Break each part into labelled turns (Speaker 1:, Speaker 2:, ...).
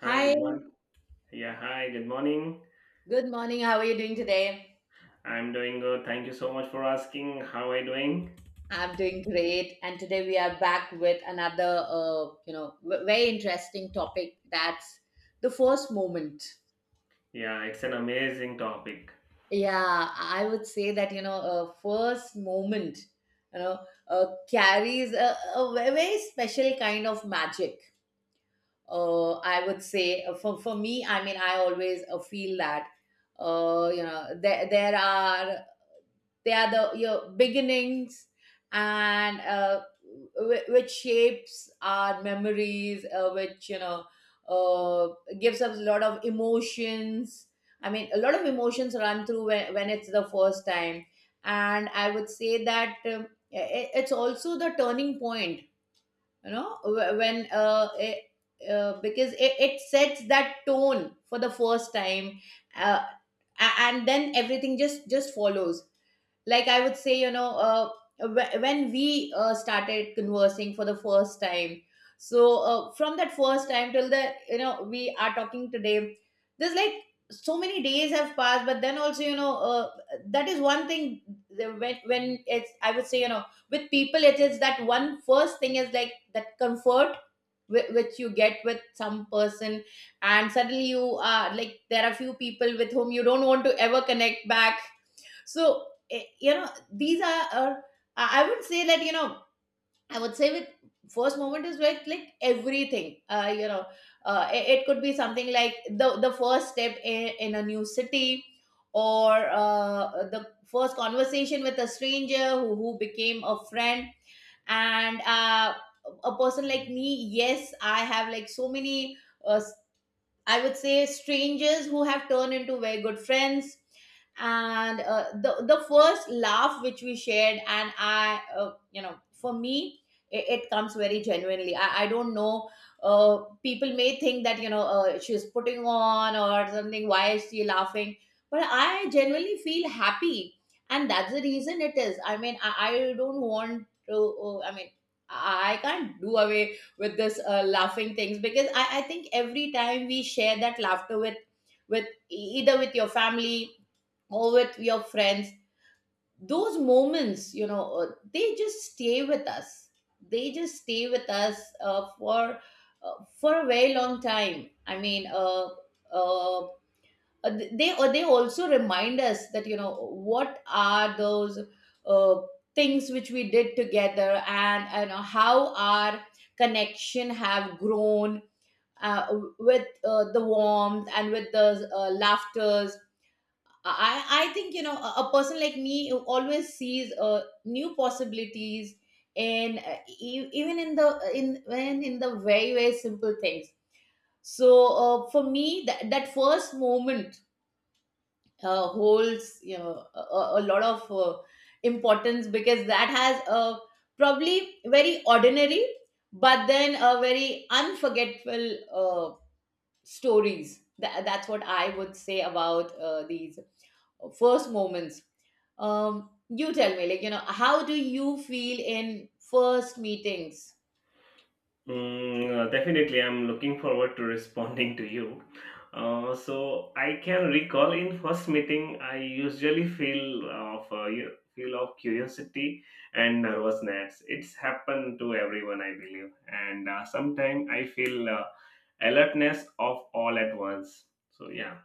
Speaker 1: Hi,
Speaker 2: Hi,
Speaker 1: good morning. Yeah, hi, good morning.
Speaker 2: good morning. How are you doing today?
Speaker 1: I'm doing good. Thank you so much for asking. How are you doing?
Speaker 2: I'm doing great, and today we are back with another, very interesting topic. That's the first moment.
Speaker 1: Yeah, it's an amazing topic.
Speaker 2: Yeah, I would say that first moment, you know, uh, carries a very special kind of magic. I would say for me. I mean, I always feel that, there are they are the your beginnings, and which shapes our memories, which you know uh, gives us a lot of emotions. I mean, a lot of emotions run through when it's the first time. And I would say that, i- it's also the turning point. When, because it sets that tone for the first time. uh, and then everything just follows. Like, I would say, when we started conversing for the first time. So, from that first time till the you know we are talking today, there's like so many days have passed, but then also, that is one thing. When it's, I would say, with people, it is that one first thing is like that comfort which you get with some person. And suddenly you are like, there are few people with whom you don't want to ever connect back. So, these are — I would say that, I would say with first moment is like everything. It could be something like the first step in a new city, or the first conversation with a stranger who became a friend. And a person like me — yes, I have like so many uh, I would say, strangers who have turned into very good friends. And the first laugh which we shared. And for me, it comes very genuinely. I don't know. People may think that, she's putting on or something. Why is she laughing? But I genuinely feel happy, and that's the reason it is. I mean, I don't want to. I mean, I can't do away with this laughing things, because I think every time we share that laughter, with either with your family or with your friends, those moments, they just stay with us. For for a very long time. I mean, uh, they, or they, also remind us that, what are those uh, things which we did together, and how our connection have grown, uh, with the warmth and with the laughters. I think, a person like me, who always sees new possibilities in, even in the very simple things. So, for me, that first moment holds, a a lot of importance, because that has a probably very ordinary, but then a very unforgettable, stories. That's what I would say about, these first moments. You tell me, like, how do you feel in first meetings?
Speaker 1: Definitely, I'm looking forward to responding to you. So I can recall in first meeting, I usually feel of feel of curiosity and nervousness. It's happened to everyone, I believe, and sometimes I feel alertness of all at once. So yeah.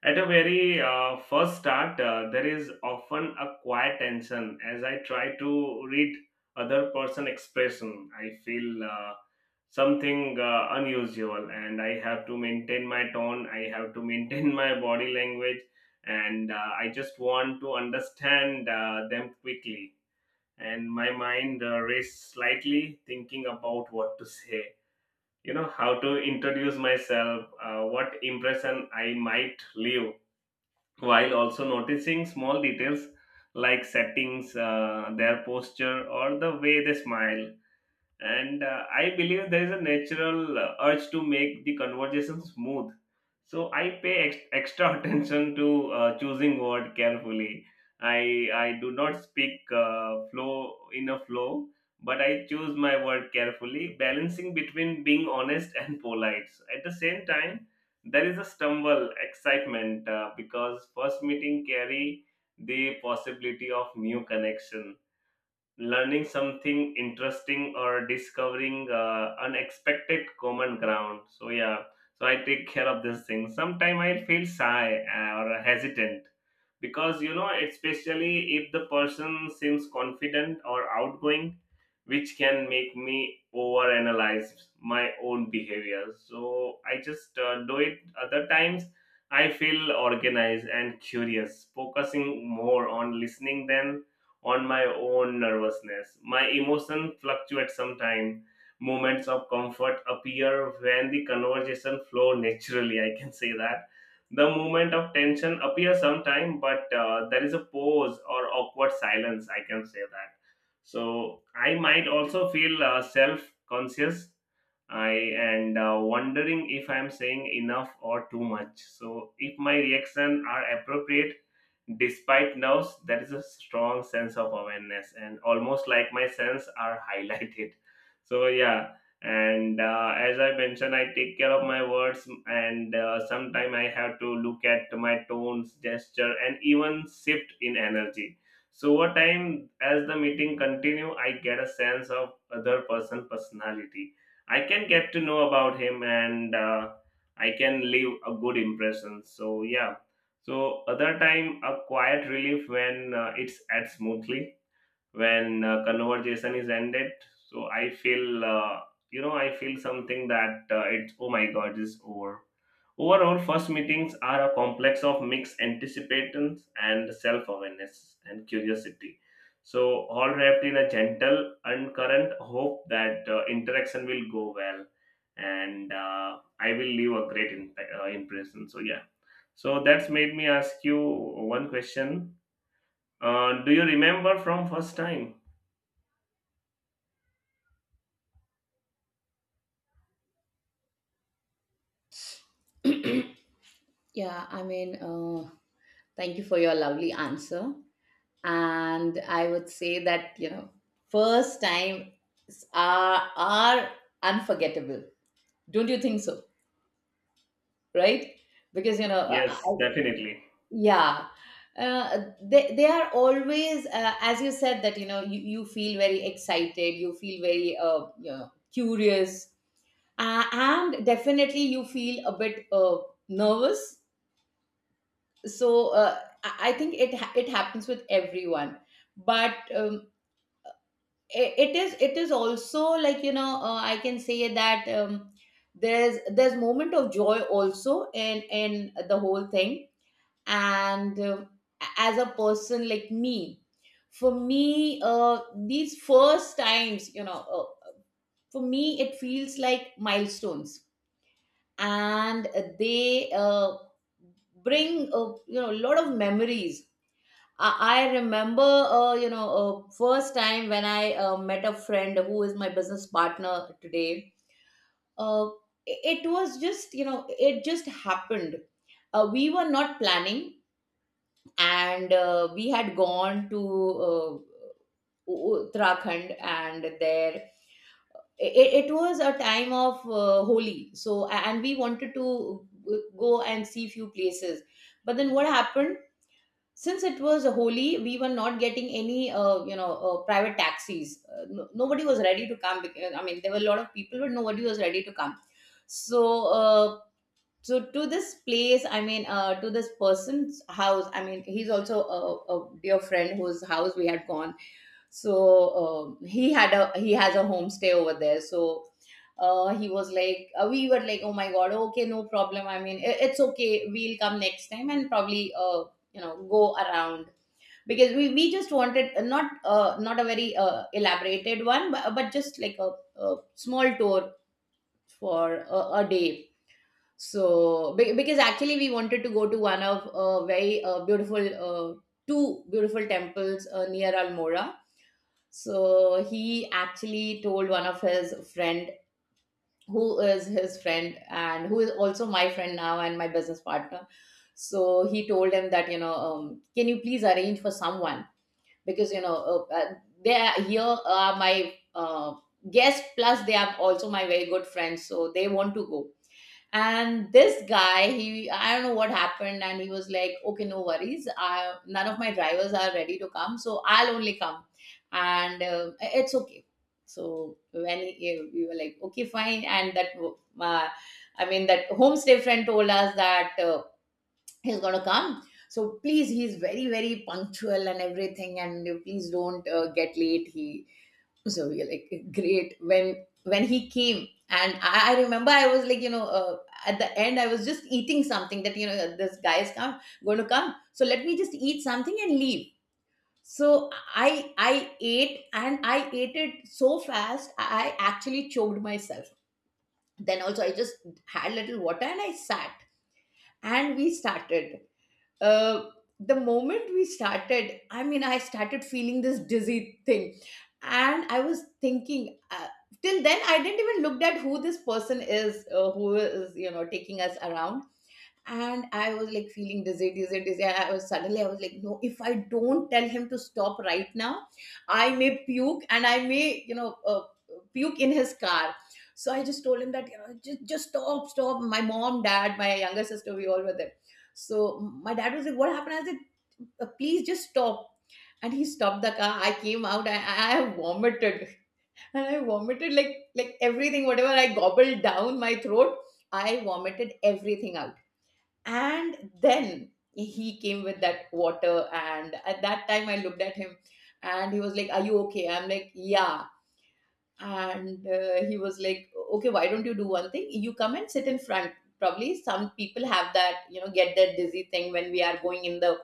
Speaker 1: At a very first start, there is often a quiet tension as I try to read other person expression. I feel something unusual, and I have to maintain my tone. I have to maintain my body language, and I just want to understand them quickly. And my mind races slightly, thinking about what to say. You know how to introduce myself, what impression I might leave while also noticing small details like settings, their posture, or the way they smile, and I believe there is a natural urge to make the conversation smooth, so I pay extra attention to choosing word carefully. I do not speak flow in a flow, but I choose my word carefully, balancing between being honest and polite at the same time. There is a stumble excitement because first meeting carry the possibility of new connection, learning something interesting, or discovering unexpected common ground. So yeah, so I take care of this thing. Sometimes I feel shy or hesitant, because you know, especially if the person seems confident or outgoing, which can make me overanalyze my own behavior. So I just do it. Other times, I feel organized and curious, focusing more on listening than on my own nervousness. My emotion fluctuates sometimes. Moments of comfort appear when the conversation flow naturally. I can say that. The moment of tension appears sometime, but there is a pause or awkward silence. I can say that. So I might also feel self conscious, I and wondering if I'm saying enough or too much, so if my reaction are appropriate despite nerves, that is a strong sense of awareness, and almost like my sense are highlighted. So yeah, and as I mentioned, I take care of my words, and sometimes I have to look at my tones, gesture, and even shift in energy. So over time, as the meeting continue, I get a sense of other person personality. I can get to know about him, and I can leave a good impression. So yeah. So other time, a quiet relief when it's at smoothly, when conversation is ended. So I feel, you know, I feel something that it's, oh my god, is over. Overall, first meetings are a complex of mixed anticipations and self awareness and curiosity. So, all wrapped in a gentle and current hope that interaction will go well, and I will leave a great impression. So, yeah. So, that's made me ask you one question. Do you remember from first time?
Speaker 2: Yeah, I mean, thank you for your lovely answer. And I would say that, first time are unforgettable. Don't you think so? Right? Because
Speaker 1: Yes, definitely.
Speaker 2: yeah. They are always, as you said, that, you feel very excited, you feel very, curious. And definitely you feel a bit nervous. So, I think it happens with everyone. But, it is also, like, I can say that, there's moment of joy, also in the whole thing. And as a person like me, for me, these first times, for me, it feels like milestones. And they bring a, a lot of memories. I remember, first time when I met a friend who is my business partner today. Uh, it was just, it just happened. We were not planning, and we had gone to Uttarakhand, and there it was a time of Holi. So, and we wanted to go and see few places. But then what happened? Since it was holy, we were not getting any private taxis. No, nobody was ready to come because, I mean, there were a lot of people, but nobody was ready to come. So, uh, to this place, I mean, to this person's house — I mean, he's also a dear friend whose house we had gone. So, he has a homestay over there. So, he was like, we were like, oh my god, okay, no problem. I mean, it's okay, we'll come next time, and probably, go around. Because we just wanted, not a very elaborated one, but, just like a small tour, for a day. So, because actually we wanted to go to one of very beautiful, two beautiful temples near Almora. So he actually told one of his friend, who is his friend and who is also my friend now and my business partner. So he told him that, can you please arrange for someone, because uh, uh, they are here are my guests, plus they are also my very good friends, so they want to go. And this guy, he, I don't know what happened, and he was like, okay, no worries, none of my drivers are ready to come, so I'll only come, and it's okay. So when we were like, okay, fine. And that I mean, that homestay friend told us that, he's gonna come, so please, he's very very punctual and everything, and you please don't get late, he So we're like, great. When he came, and I remember, I was like, at the end, I was just eating something, that, this guy is come going to come, so let me just eat something and leave. So I ate, and I ate it so fast, I actually choked myself. Then also I just had little water, and I sat, and we started. uh, the moment we started, I mean, I started feeling this dizzy thing, and I was thinking. Till then, I didn't even looked at who this person is, who is, taking us around. And I was like feeling dizzy, dizzy, dizzy. I was suddenly, I was like, no, if I don't tell him to stop right now, I may puke, and I may, puke in his car. So I just told him that, just stop, stop. My mom, dad, my younger sister, we all were there. So my dad was like, what happened? I said, Please just stop." And he stopped the car. I came out. I vomited, and I vomited like everything. Whatever I gobbled down my throat, I vomited everything out, and then he came with that water, and at that time I looked at him, and he was like, are you okay? I'm like, yeah. And he was like, okay, why don't you do one thing, you come and sit in front. Probably some people have that, you know, get that dizzy thing when we are going in the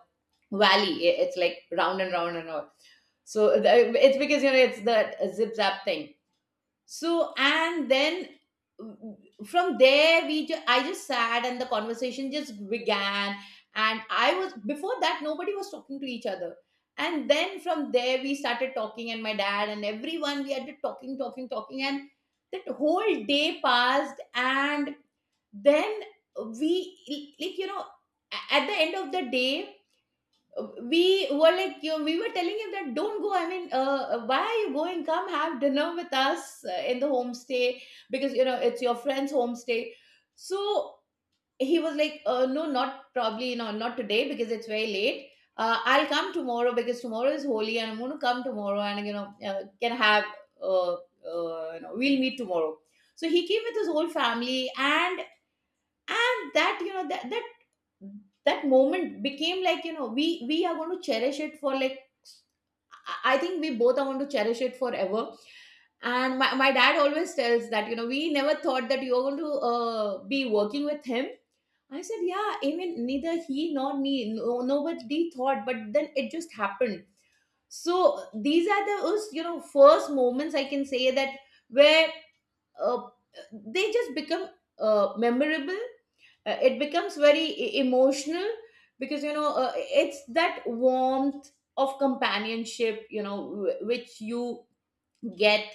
Speaker 2: valley. It's like round and round and round. So it's because, you know, it's that zip zap thing. So and then w- from there we I just sat, and the conversation just began. And I was, before that nobody was talking to each other, and then from there we started talking, and my dad and everyone, we had to talking talking talking, and that whole day passed, and then we, like, you know, at the end of the day, we were like, you, we were telling him that don't go, I mean, why are you going, come have dinner with us in the homestay, because you know it's your friend's homestay. So he was like, no, not probably, you know, not today, because it's very late. I'll come tomorrow, because tomorrow is holy, and I'm going to come tomorrow, and you know, can have uh, uh, you know, we'll meet tomorrow. So he came with his whole family, and that, you know, that that moment became, like, you know, we are going to cherish it for like, I think we both are going to cherish it forever. And my dad always tells that, you know, we never thought that you were going to be working with him. I said, yeah, I mean, neither he nor me, no, nobody thought, but then it just happened. So these are the us, you know, first moments, I can say, that where uh, they just become memorable. It becomes very emotional, because you know it's that warmth of companionship, you know, which you get.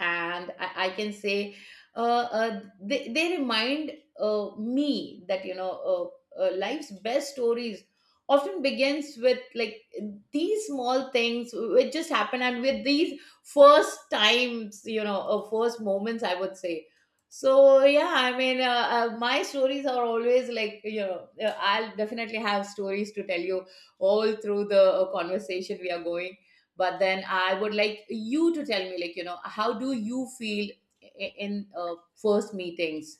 Speaker 2: And I can say they remind me that, you know, life's best stories often begins with like these small things which just happen, and with these first times, you know, first moments, I would say. So yeah, I mean, my stories are always, like, you know, I'll definitely have stories to tell you all through the conversation we are going. But then I would like you to tell me, like, you know, how do you feel in first meetings.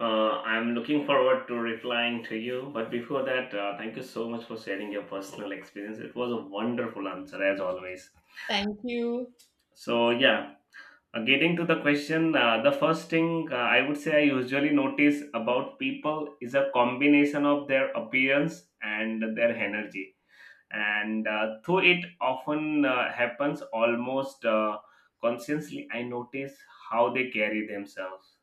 Speaker 1: I'm looking forward to replying to you. But before that, thank you so much for sharing your personal experience. It was a wonderful answer, as always.
Speaker 2: Thank you.
Speaker 1: So, yeah, getting to the question, the first thing I would say I usually notice about people is a combination of their appearance and their energy. And though it often happens almost consciously, I notice how they carry themselves.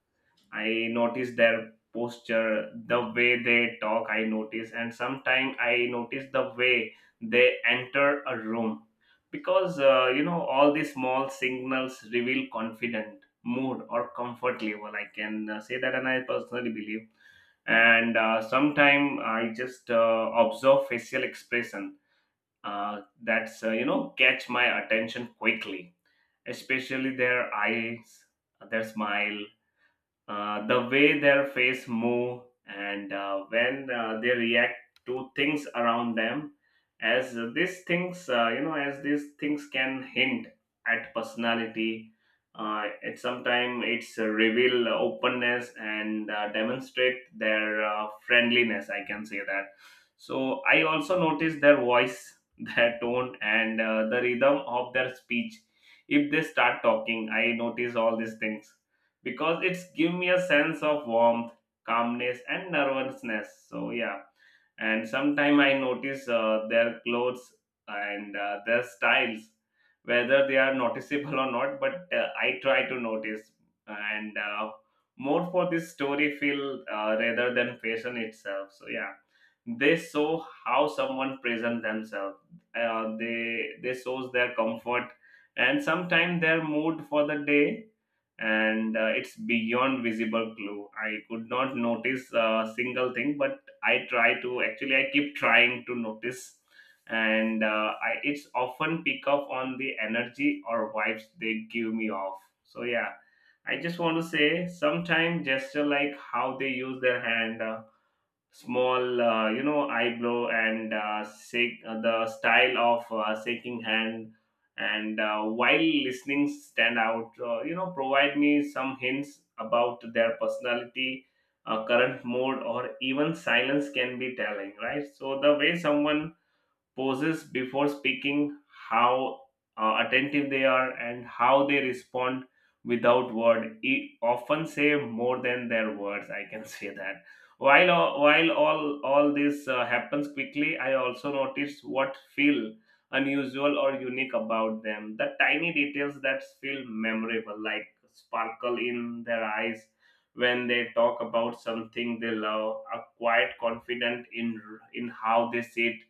Speaker 1: I notice their posture, the way they talk, I notice, and sometimes I notice the way they enter a room, because you know, all these small signals reveal confident mood or comfort level. I can say that, and I personally believe. And sometimes I just observe facial expression, that's you know, catch my attention quickly, especially their eyes, their smile, the way their face move, and when they react to things around them, as these things as these things can hint at personality. It sometimes it's a reveal openness and demonstrate their friendliness, I can say that. So I also notice their voice their tone, and the rhythm of their speech. If they start talking, I notice all these things, because it's give me a sense of warmth, calmness, and nervousness. So yeah, and sometime I notice their clothes and their styles, whether they are noticeable or not. But I try to notice, and more for this story feel rather than fashion itself. So yeah, they show how someone present themselves. They shows their comfort, and sometimes their mood for the day, and it's beyond visible clue. I could not notice a single thing, but I try to, actually I keep trying to notice, and it's often pick up on the energy or vibes they give me off. So yeah, I just want to say sometimes gesture like how they use their hand. Small you know, eyebrow, and shake, the style of shaking hand, and while listening, stand out, you know, provide me some hints about their personality, current mood, or even silence can be telling, right? So the way someone pauses before speaking, how attentive they are, and how they respond without word. It often say more than their words. I can say that. While all all this happens quickly, I also notice what feel unusual or unique about them. The tiny details that feel memorable, like sparkle in their eyes when they talk about something they love, are quite confident in how they sit,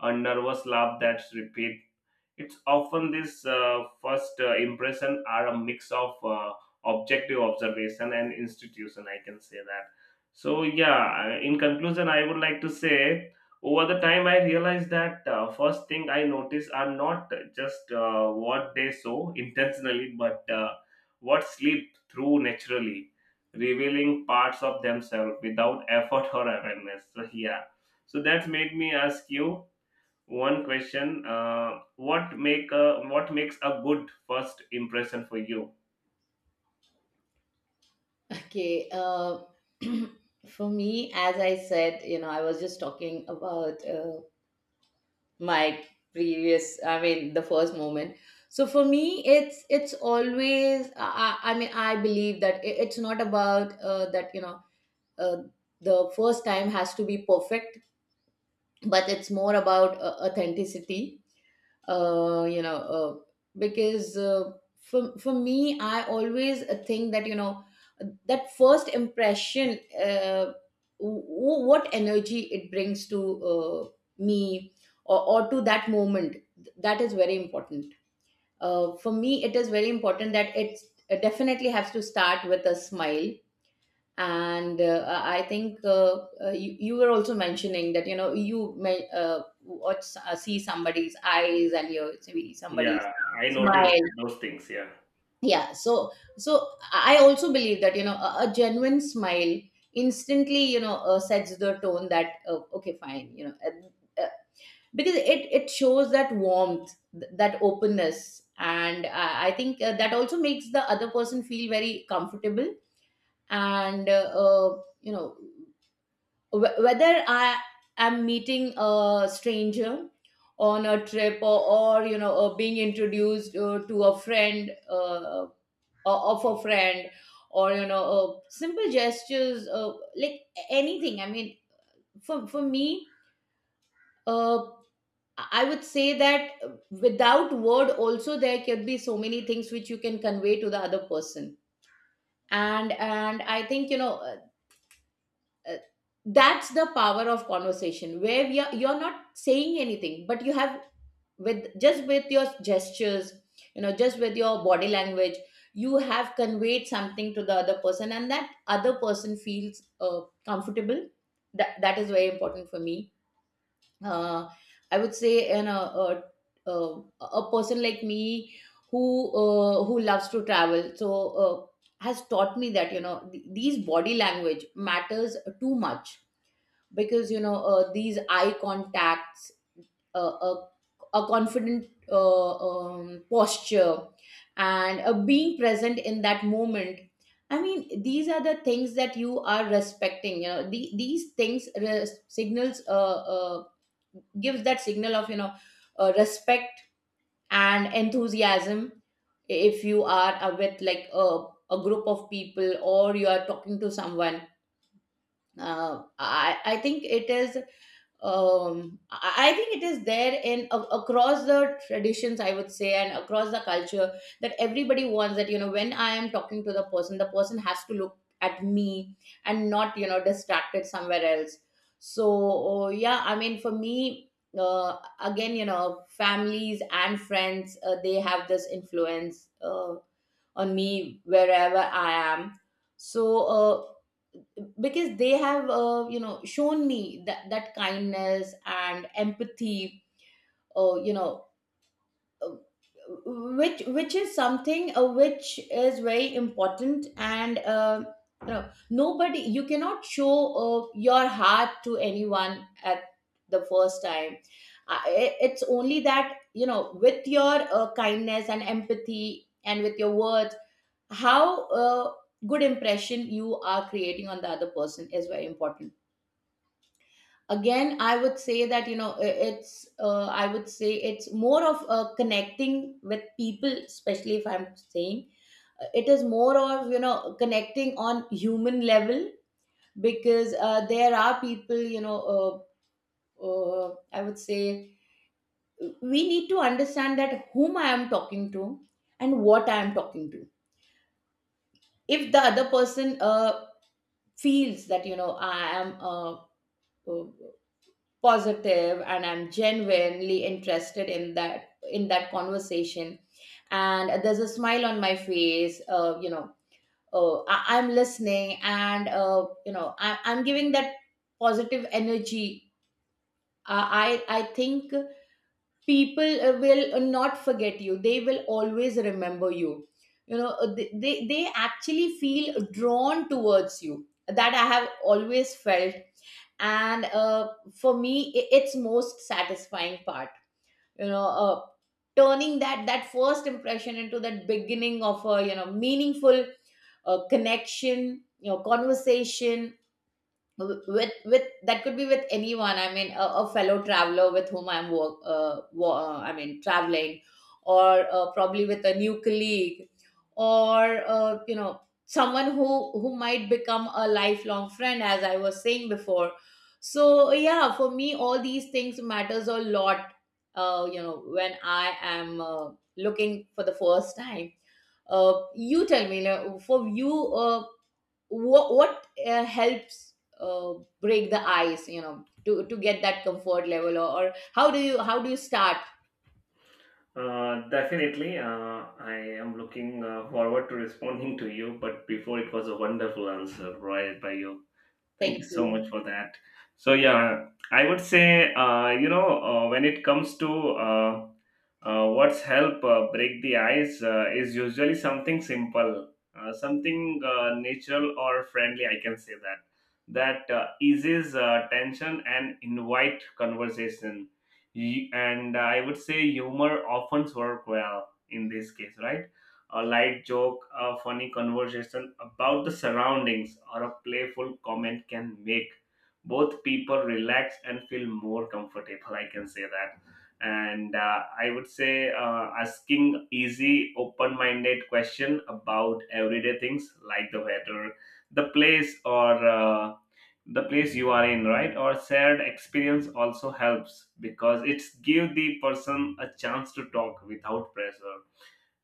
Speaker 1: a nervous laugh that's repeat. It's often this first impression are a mix of objective observation and institution. I can say that. So yeah, in conclusion, I would like to say over the time I realized that first thing I notice are not just what they saw intentionally, but what sleep through naturally, revealing parts of themselves without effort or awareness. So yeah, so that's made me ask you one question: what make a, what makes a good first impression for you?
Speaker 2: Okay, for me, as I said, you know, I was just talking about my previous, I mean, the first moment. So for me it's always I mean, I believe that it's not about that, you know, uh, the first time has to be perfect, but it's more about authenticity. uh, you know, uh, because for me, I always think that, you know, that first impression, what energy it brings to me, or to that moment, that is very important. For me, it is very important that it definitely has to start with a smile. And I think you were also mentioning that, you know, you may watch see somebody's eyes, and you see somebody's
Speaker 1: Yeah, I noticed
Speaker 2: smile.
Speaker 1: those things. Yeah,
Speaker 2: Yeah, so so I also believe that, you know, a genuine smile instantly, you know, sets the tone that, okay fine, you know, because it shows that warmth, that openness, and I think that also makes the other person feel very comfortable. And you know, whether I am meeting a stranger on a trip, or you know, being introduced to a friend or of a friend, or you know, simple gestures like anything, I mean, for me, uh, I would say that without word also there can be so many things which you can convey to the other person. And I think, you know, uh, that's the power of conversation, where we are, you're not saying anything, but you have, with just with your gestures, you know, just with your body language, you have conveyed something to the other person, and that other person feels comfortable. That that is very important for me. uh, I would say, you know, a person like me who who loves to travel. So uh, has taught me that, you know, these body language matters too much, because you know these eye contacts, uh, a, a confident posture, and being present in that moment, I mean these are the things that you are respecting, you know, the, these things signals, gives that signal of, you know, respect and enthusiasm. If you are with like a group of people, or you are talking to someone, I think it is, I think it is there in a, across the traditions, I would say, and across the culture, that everybody wants that, you know, when I am talking to the person has to look at me, and not, you know, distracted somewhere else. So oh, yeah, I mean, for me, again, you know, families and friends, they have this influence on me wherever I am. So because they have you know, shown me that, that kindness and empathy, uh, you know uh, which is something which is very important. And you know, nobody, you cannot show your heart to anyone at the first time. It's only that, you know, with your kindness and empathy, and with your words, how good impression you are creating on the other person is very important. Again, I would say that, you know, it's, I would say it's more of connecting with people, especially, if I'm saying, it is more of, you know, connecting on human level, because there are people, you know, I would say we need to understand that whom I am talking to, and what I am talking to. If the other person feels that, you know, I am uh, positive, and I'm genuinely interested in that, in that conversation, and there's a smile on my face, you know, I'm listening, and you know, I'm giving that positive energy. I think people will not forget you, they will always remember you, you know, they they actually feel drawn towards you. That I have always felt. And for me, it's most satisfying part, you know, turning that, that first impression into that beginning of a, you know, meaningful connection, you know, conversation, with that could be with anyone, I mean, a fellow traveler with whom I'm I mean, traveling, or probably with a new colleague, or you know, someone who might become a lifelong friend, as I was saying before. So yeah, for me, all these things matters a lot, you know, when I am looking for the first time. You tell me, you know, for you, what helps uh, break the ice, you know, to get that comfort level, or how do you, how do you start.
Speaker 1: definitely. I am looking forward to responding to you. But before, it was a wonderful answer right by you. Thank you
Speaker 2: Thank
Speaker 1: so
Speaker 2: you.
Speaker 1: much for that. So yeah, I would say when it comes to uh, what's help break the ice is usually something simple, something natural or friendly. I can say that that eases tension and invite conversation. And I would say humor often work well in this case, right? A light joke, a funny conversation about the surroundings, or a playful comment can make both people relax and feel more comfortable. I can say that. And I would say asking easy, open minded question about everyday things like the weather, the place, or the place you are in, right, or shared experience, also helps, because it's give the person a chance to talk without pressure.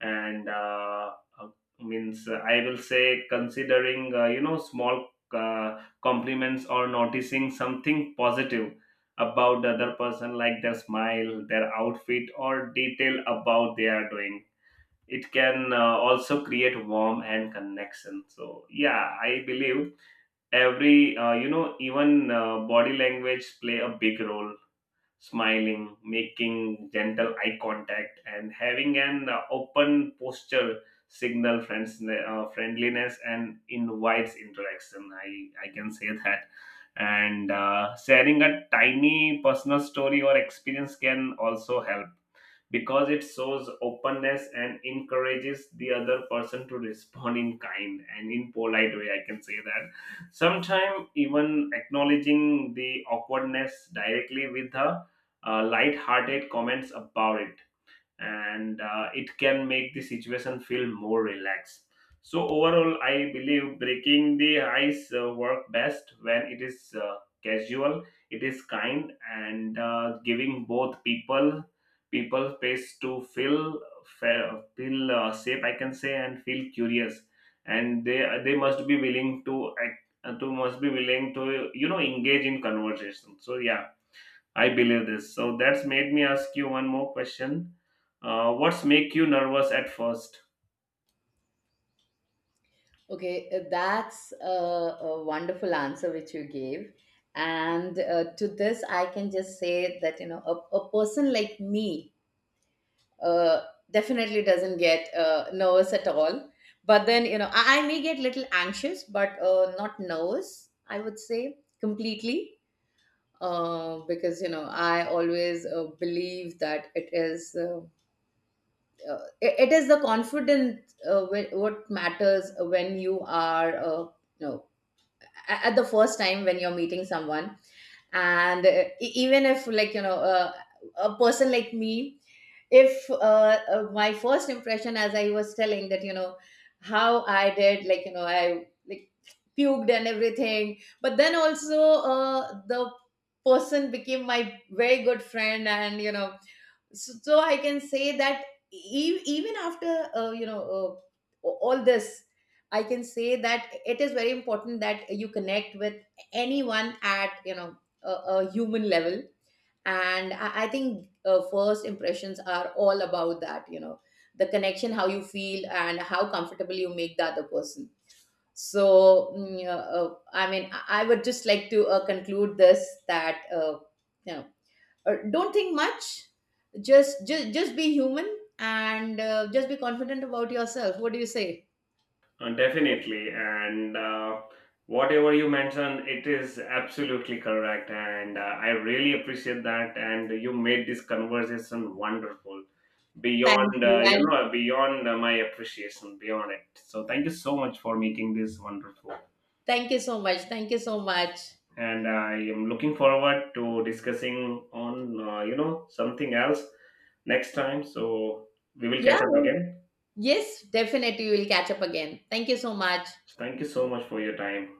Speaker 1: And uh, means I will say considering you know, small compliments or noticing something positive about the other person, like their smile, their outfit, or detail about they are doing, it can also create warmth and connection. So yeah, I believe every you know, even body language play a big role. Smiling, making gentle eye contact, and having an open posture signal friends friendliness and invites interaction, I can say that. And sharing a tiny personal story or experience can also help, because it shows openness and encourages the other person to respond in kind and in polite way, I can say that. Sometimes even acknowledging the awkwardness directly with a light-hearted comments about it, and it can make the situation feel more relaxed. So, overall, I believe breaking the ice work best when it is casual, it is kind, and giving both people space to feel feel safe, I can say, and feel curious, and they must be willing to act, to must be willing to, you know, engage in conversation. So yeah, I believe this. So that's made me ask you one more question. What's make you nervous at first?
Speaker 2: Okay, that's a wonderful answer which you gave. And to this I can just say that, you know, a person like me uh, definitely doesn't get nervous at all. But then, you know, I may get little anxious, but not nervous, I would say, completely. Because, you know, I always believe that it is, it is the confidence, what matters when you are you know, at the first time when you're meeting someone. And even if, like, you know, a person like me, if my first impression, as I was telling that, you know, how I did, like, you know, I like puked and everything, but then also the person became my very good friend, and you know, so, so I can say that even after you know, all this, I can say that it is very important that you connect with anyone at, you know, a human level. And I think first impressions are all about that, you know, the connection, how you feel, and how comfortable you make the other person. So I would just like to conclude this, that you know, don't think much, just just be human, and just be confident about yourself. What do you say?
Speaker 1: Definitely, and whatever you mentioned, it is absolutely correct, and I really appreciate that. And you made this conversation wonderful,
Speaker 2: Thank
Speaker 1: beyond
Speaker 2: you, and
Speaker 1: beyond my appreciation, beyond it. So thank you so much for making this wonderful.
Speaker 2: thank you so much, thank you so much.
Speaker 1: And I am looking forward to discussing on you know, something else next time. So we will
Speaker 2: Yeah,
Speaker 1: catch up again.
Speaker 2: yes, definitely we will catch up again, thank you so much.
Speaker 1: Thank you so much for your time.